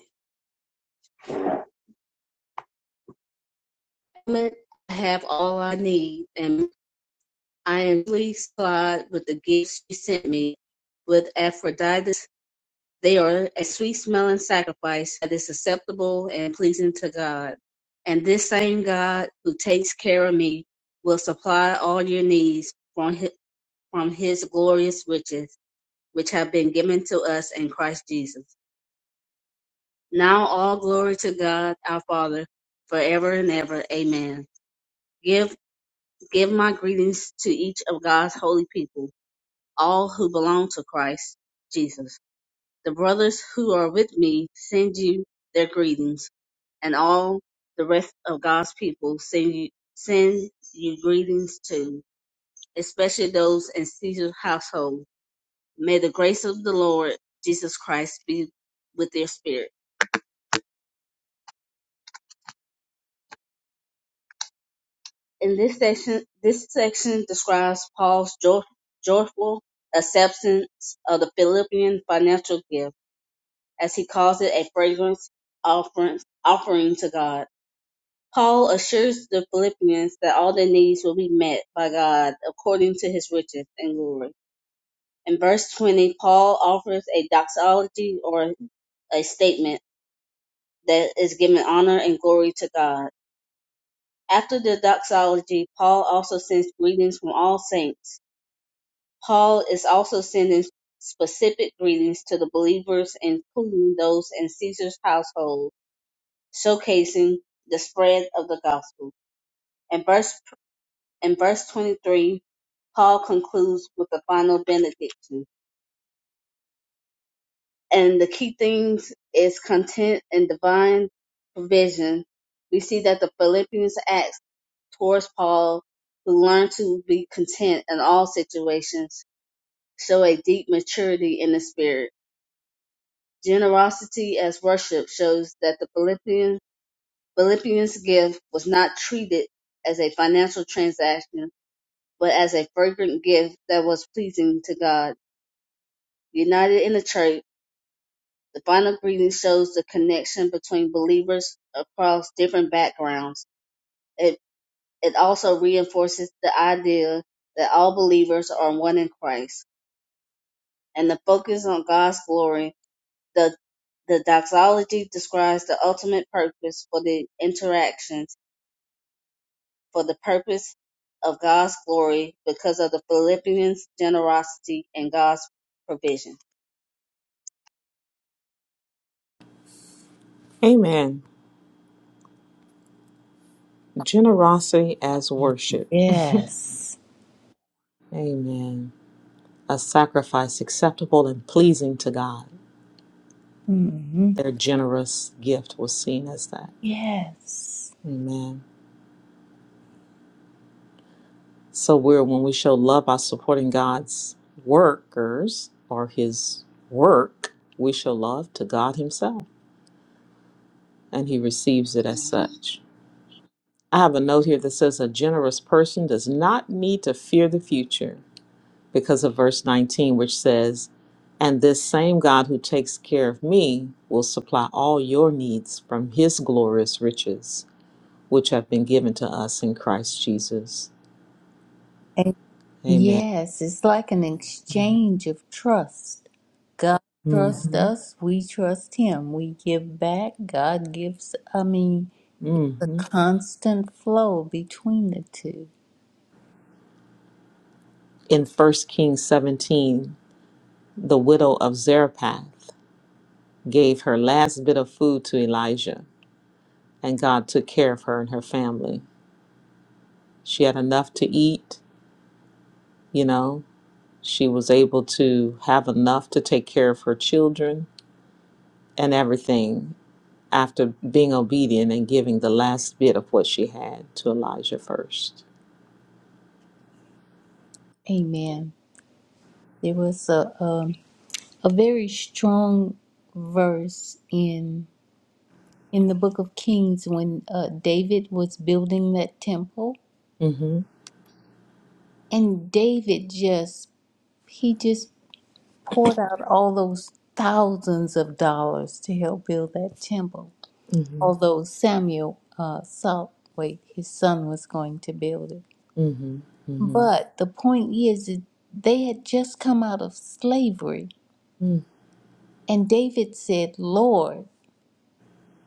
C: I have all I need, and I am pleased, God, with the gifts you sent me. With Aphrodite They are a sweet smelling sacrifice that is acceptable and pleasing to God. And this same God who takes care of me will supply all your needs from his, from his glorious riches, which have been given to us in Christ Jesus. Now all glory to God our Father forever and ever. Amen. Give give my greetings to each of God's holy people, all who belong to Christ Jesus. The brothers who are with me send you their greetings. and all the rest of God's people send you, send you greetings too, especially those in Caesar's household. May the grace of the Lord Jesus Christ be with their spirit. In this section, this section describes Paul's joy, joyful acceptance of the Philippian financial gift, as he calls it a fragrance offering, offering to God. Paul assures the Philippians that all their needs will be met by God according to his riches and glory. In verse 20, Paul offers a doxology or a statement that is giving honor and glory to God. After the doxology, Paul also sends greetings from all saints. Paul is also sending specific greetings to the believers, including those in Caesar's household, showcasing the spread of the gospel. In verse In verse 23, Paul concludes with the final benediction. And the key things is content and divine provision. We see that the Philippians acts towards Paul, who learned to be content in all situations, show a deep maturity in the spirit. Generosity as worship shows that the Philippian, Philippians gift was not treated as a financial transaction, but as a fragrant gift that was pleasing to God. United in the Church, the final greeting shows the connection between believers across different backgrounds. It, it also reinforces the idea that all believers are one in Christ and the focus on God's glory. The, the doxology describes the ultimate purpose for the interactions for the purpose of God's glory because of the Philippians' generosity and God's provision.
A: Amen. Generosity as worship.
E: Yes.
A: Amen. a sacrifice acceptable and pleasing to God.
E: hmm
A: Their generous gift was seen as that.
E: Yes.
A: Amen. So we're when we show love by supporting God's workers or his work, we show love to God himself and he receives it as such. I have a note here that says a generous person does not need to fear the future. because of verse 19, which says, And this same God who takes care of me will supply all your needs from his glorious riches, which have been given to us in Christ Jesus. Amen.
E: Yes, it's like an exchange of trust. God trusts
A: hmm
E: us, we trust Him. We give back, God gives. I mean, the
A: hmm
E: constant flow between the two.
A: In 1 Kings 17, the widow of Zarephath gave her last bit of food to Elijah, and God took care of her and her family. She had enough to eat, you know, she was able to have enough to take care of her children and everything after being obedient and giving the last bit of what she had to Elijah 1st
E: Amen. There was a um, a very strong verse in in the book of Kings when uh, David was building that temple,
A: Mm-hmm.
E: and David just he just poured out all those thousands of dollars to help build that temple,
A: Mm-hmm.
E: although Samuel uh, Saltwaite, his son, was going to build it.
A: Mm-hmm. Mm-hmm.
E: But the point is that they had just come out of slavery, and David said, Lord,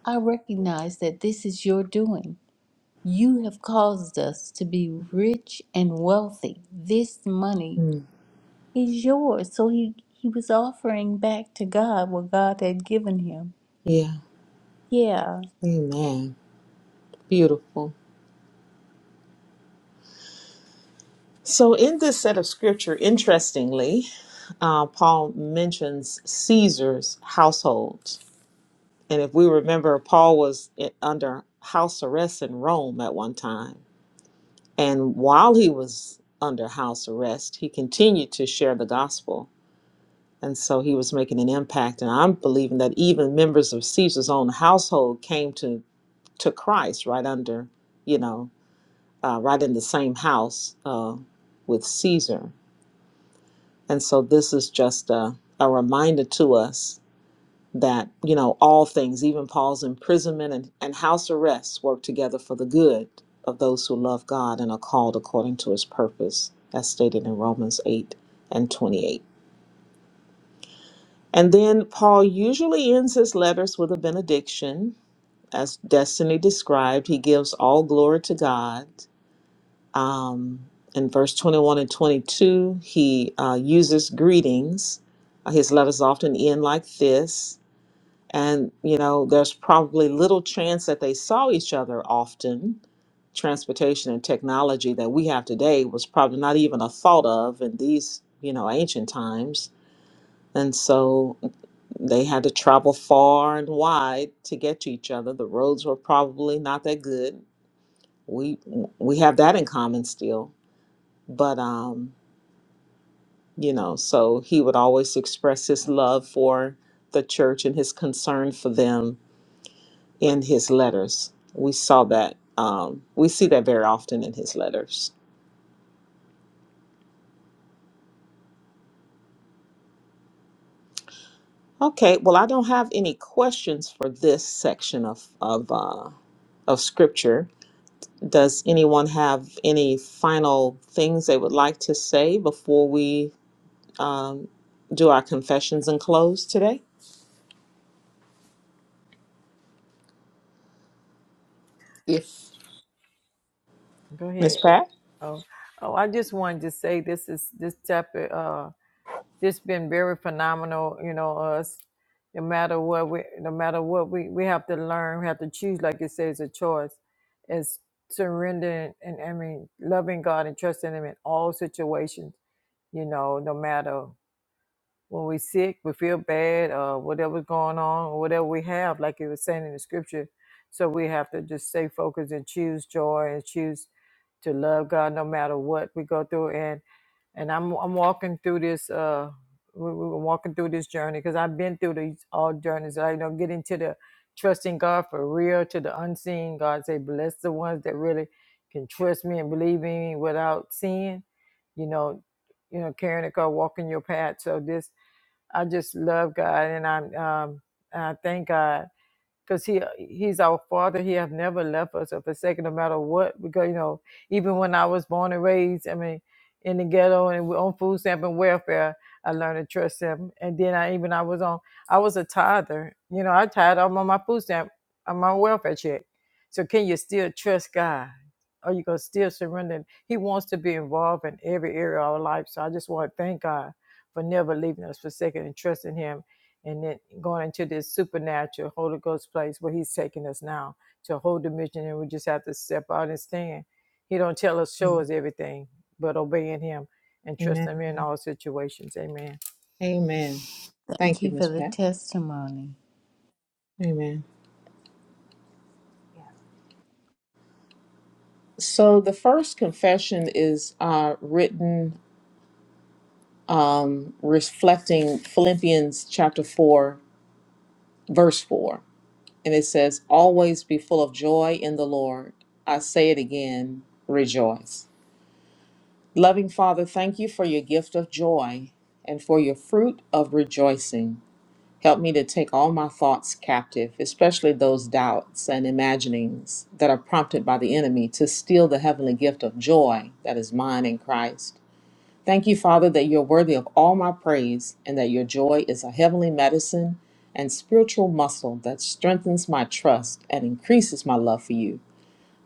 E: I recognize that this is your doing. You have caused us to be rich and wealthy. This money
A: Mm-hmm.
E: is yours. So he, he was offering back to God what God had given him.
A: Yeah.
E: Yeah,
A: Amen. Beautiful. So, in this set of scripture, interestingly, uh, Paul mentions Caesar's household. And if we remember, Paul was i- under house arrest in Rome at one time. And while he was under house arrest, he continued to share the gospel And so he was making an impact. And I'm believing that even members of Caesar's own household came to, to Christ right under, you know, uh, right in the same house uh, with Caesar. And so this is just a, a reminder to us that, you know, all things, even Paul's imprisonment and, and house arrest, work together for the good of those who love God and are called according to his purpose, as stated in Romans 8 and 28. And then Paul usually ends his letters with a benediction. As Destiny described, he gives all glory to God. Um, in verse 21 and 22, he uh, uses greetings. Uh, His letters often end like this. And, you know, there's probably little chance that they saw each other often. Transportation and technology that we have today was probably not even a thought of in these, you know, ancient times. And so they had to travel far and wide to get to each other. The roads were probably not that good. We we have that in common still. But um, you know, so he would always express his love for the church and his concern for them in his letters. We saw that. Um, we see that very often in his letters. Okay, well, I don't have any questions for this section of of uh, of scripture Does anyone have any final things they would like to say before we um, do our confessions and close today? Yes.
D: Go
A: Miss
D: ahead.
A: Pat?
D: Oh, oh, I just wanted to say this is this chapter. Uh, this been very phenomenal. You know, us. No matter what we, no matter what we, we have to learn. We have to choose, like you say, it's a choice. It's surrendering and I mean loving God and trusting Him in all situations. You know, no matter when we sick, we feel bad, uh, whatever's going on, or whatever we have, like it was saying in the scripture. So we have to just stay focused and choose joy and choose to love God no matter what we go through. And and I'm I'm walking through this uh we, we were walking through this journey because I've been through these all journeys. I you know getting to the trusting God for real to the unseen. God say bless the ones that really can trust me and believe in me without seeing. You know, you know carrying a car, walking your path. So this I just love God, and I'm um, I thank God because he uh, he's our father he have never left us or forsaken no matter what because you know even when i was born and raised i mean in the ghetto and on food stamp and welfare i learned to trust him and then i even i was on i was a tither you know i tithe i'm on my food stamp on my welfare check so can you still trust god are you gonna still surrender he wants to be involved in every area of our life so i just want to thank god for never leaving us forsaken and trusting him and then going into this supernatural Holy Ghost place where He's taking us now to a whole dimension, and we just have to step out and stand. He don't tell us, show
A: Mm.
D: us everything, but obeying Him and
A: Amen.
D: trusting Him in all situations. Amen.
A: Amen.
E: Thank
A: Thank you,
E: you for
A: Miss
E: the
A: Pat.
E: testimony.
A: Amen. So the first confession is uh, written um, reflecting Philippians chapter 4, verse 4. And it says, Always be full of joy in the Lord. I say it again, rejoice. Loving Father, thank you for your gift of joy and for your fruit of rejoicing. Help me to take all my thoughts captive, especially those doubts and imaginings that are prompted by the enemy to steal the heavenly gift of joy that is mine in Christ. Thank you, Father, that you're worthy of all my praise and that your joy is a heavenly medicine and spiritual muscle that strengthens my trust and increases my love for you.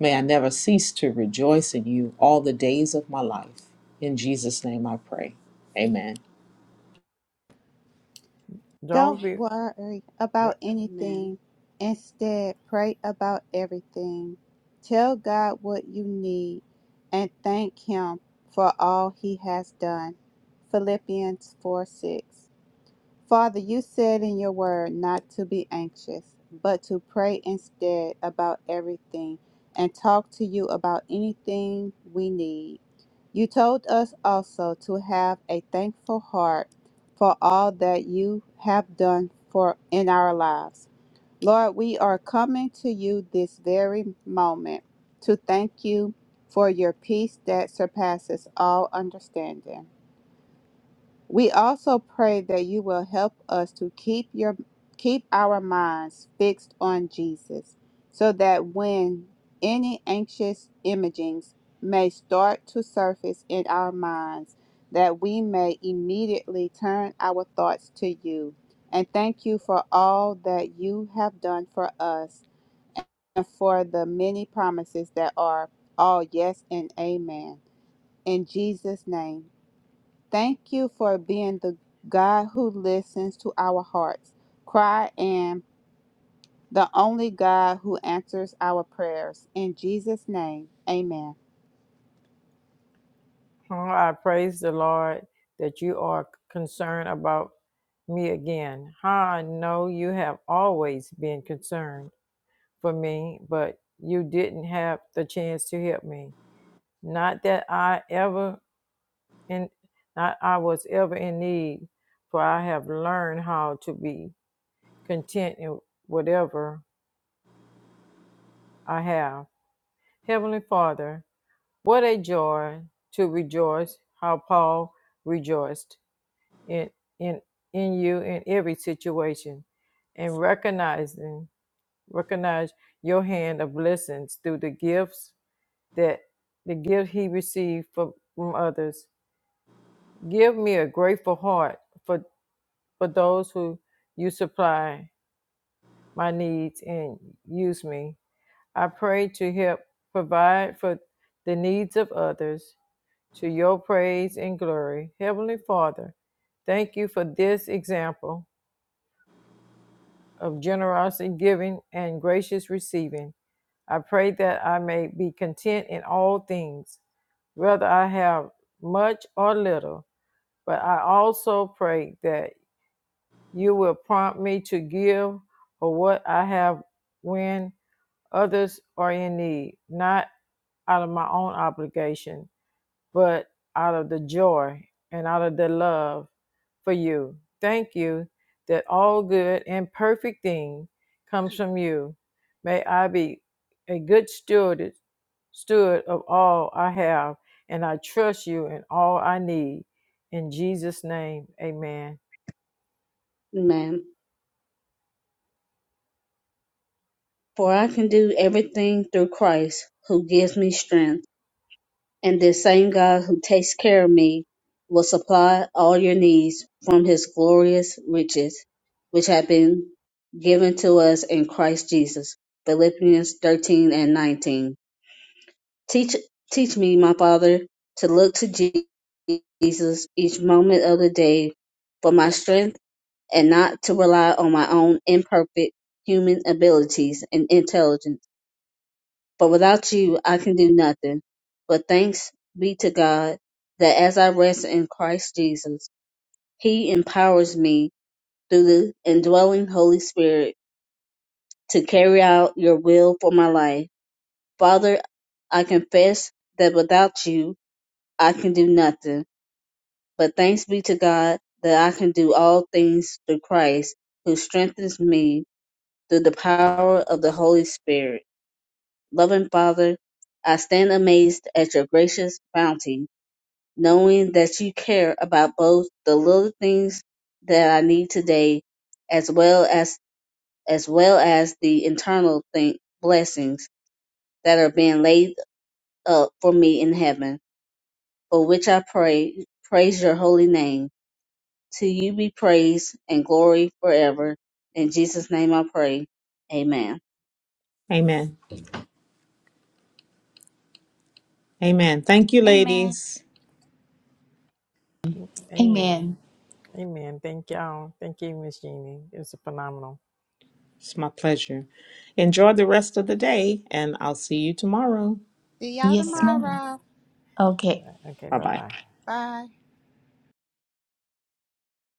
A: May I never cease to rejoice in you all the days of my life. In Jesus' name I pray. Amen.
B: Don't
D: Don't be.
B: worry about
C: Amen.
B: anything. Instead, pray about everything. Tell God what you need and thank Him for all He has done. Philippians 4 6. Father, you said in your word not to be anxious, but to pray instead about everything and talk to you about anything we need. You told us also to have a thankful heart for all that you have done for in our lives. Lord, we are coming to you this very moment to thank you for your peace that surpasses all understanding. We also pray that you will help us to keep your keep our minds fixed on Jesus, so that when any anxious imagings may start to surface in our minds, that we may immediately turn our thoughts to you. And thank you for all that you have done for us and for the many promises that are all yes and amen. In Jesus' name. Thank you for being the God who listens to our hearts, cry, and the only God who answers our prayers. In Jesus' name, amen.
D: Oh, I praise the Lord that you are concerned about me again. How I know you have always been concerned for me, but you didn't have the chance to help me. Not that I ever in not I was ever in need, for I have learned how to be content in whatever I have. Heavenly Father, what a joy to rejoice how Paul rejoiced in in in you in every situation and recognizing recognize your hand of blessings through the gifts that the gift he received from, from others Give me a grateful heart for, for those who you supply my needs and use me. I pray to help provide for the needs of others to your praise and glory. Heavenly Father, thank you for this example of generosity giving and gracious receiving. I pray that I may be content in all things, whether I have much or little. But I also pray that You will prompt me to give or what I have when others are in need, not out of my own obligation, but out of the joy and out of the love for you. Thank you that all good and perfect thing comes from you. May I be a good steward, steward of all I have, and I trust you in all I need. In Jesus' name, amen.
C: Amen. For I can do everything through Christ who gives me strength, and this same God who takes care of me will supply all your needs from his glorious riches, which have been given to us in Christ Jesus. Philippians 13 and 19. Teach, teach me, my Father, to look to Jesus each moment of the day for my strength and not to rely on my own imperfect human abilities and intelligence but without you, I can do nothing. But thanks be to God that as I rest in Christ Jesus, He empowers me through the indwelling Holy Spirit to carry out your will for my life. Father, I confess that without you, I can do nothing. But thanks be to God that I can do all things through Christ who strengthens me through the power of the Holy Spirit. Loving Father, I stand amazed at your gracious bounty knowing that you care about both the little things that I need today as well as as well as the internal thing, blessings that are being laid up for me in heaven, for which I pray praise your holy name. To you be praise and glory forever. In Jesus' name I pray. Amen.
A: Amen. Amen. Thank you,
B: Amen.
A: ladies.
D: Amen.
E: Amen.
D: Amen. Thank y'all. Thank you, Miss Jeannie. It was phenomenal.
A: It's my pleasure. Enjoy the rest of the day, and I'll see you tomorrow.
B: See y'all
E: Yes,
D: Okay.
E: ma'am.
B: tomorrow.
E: Okay.
D: Yeah. Okay.
A: Bye
D: Bye
A: bye.
D: bye.
B: Bye.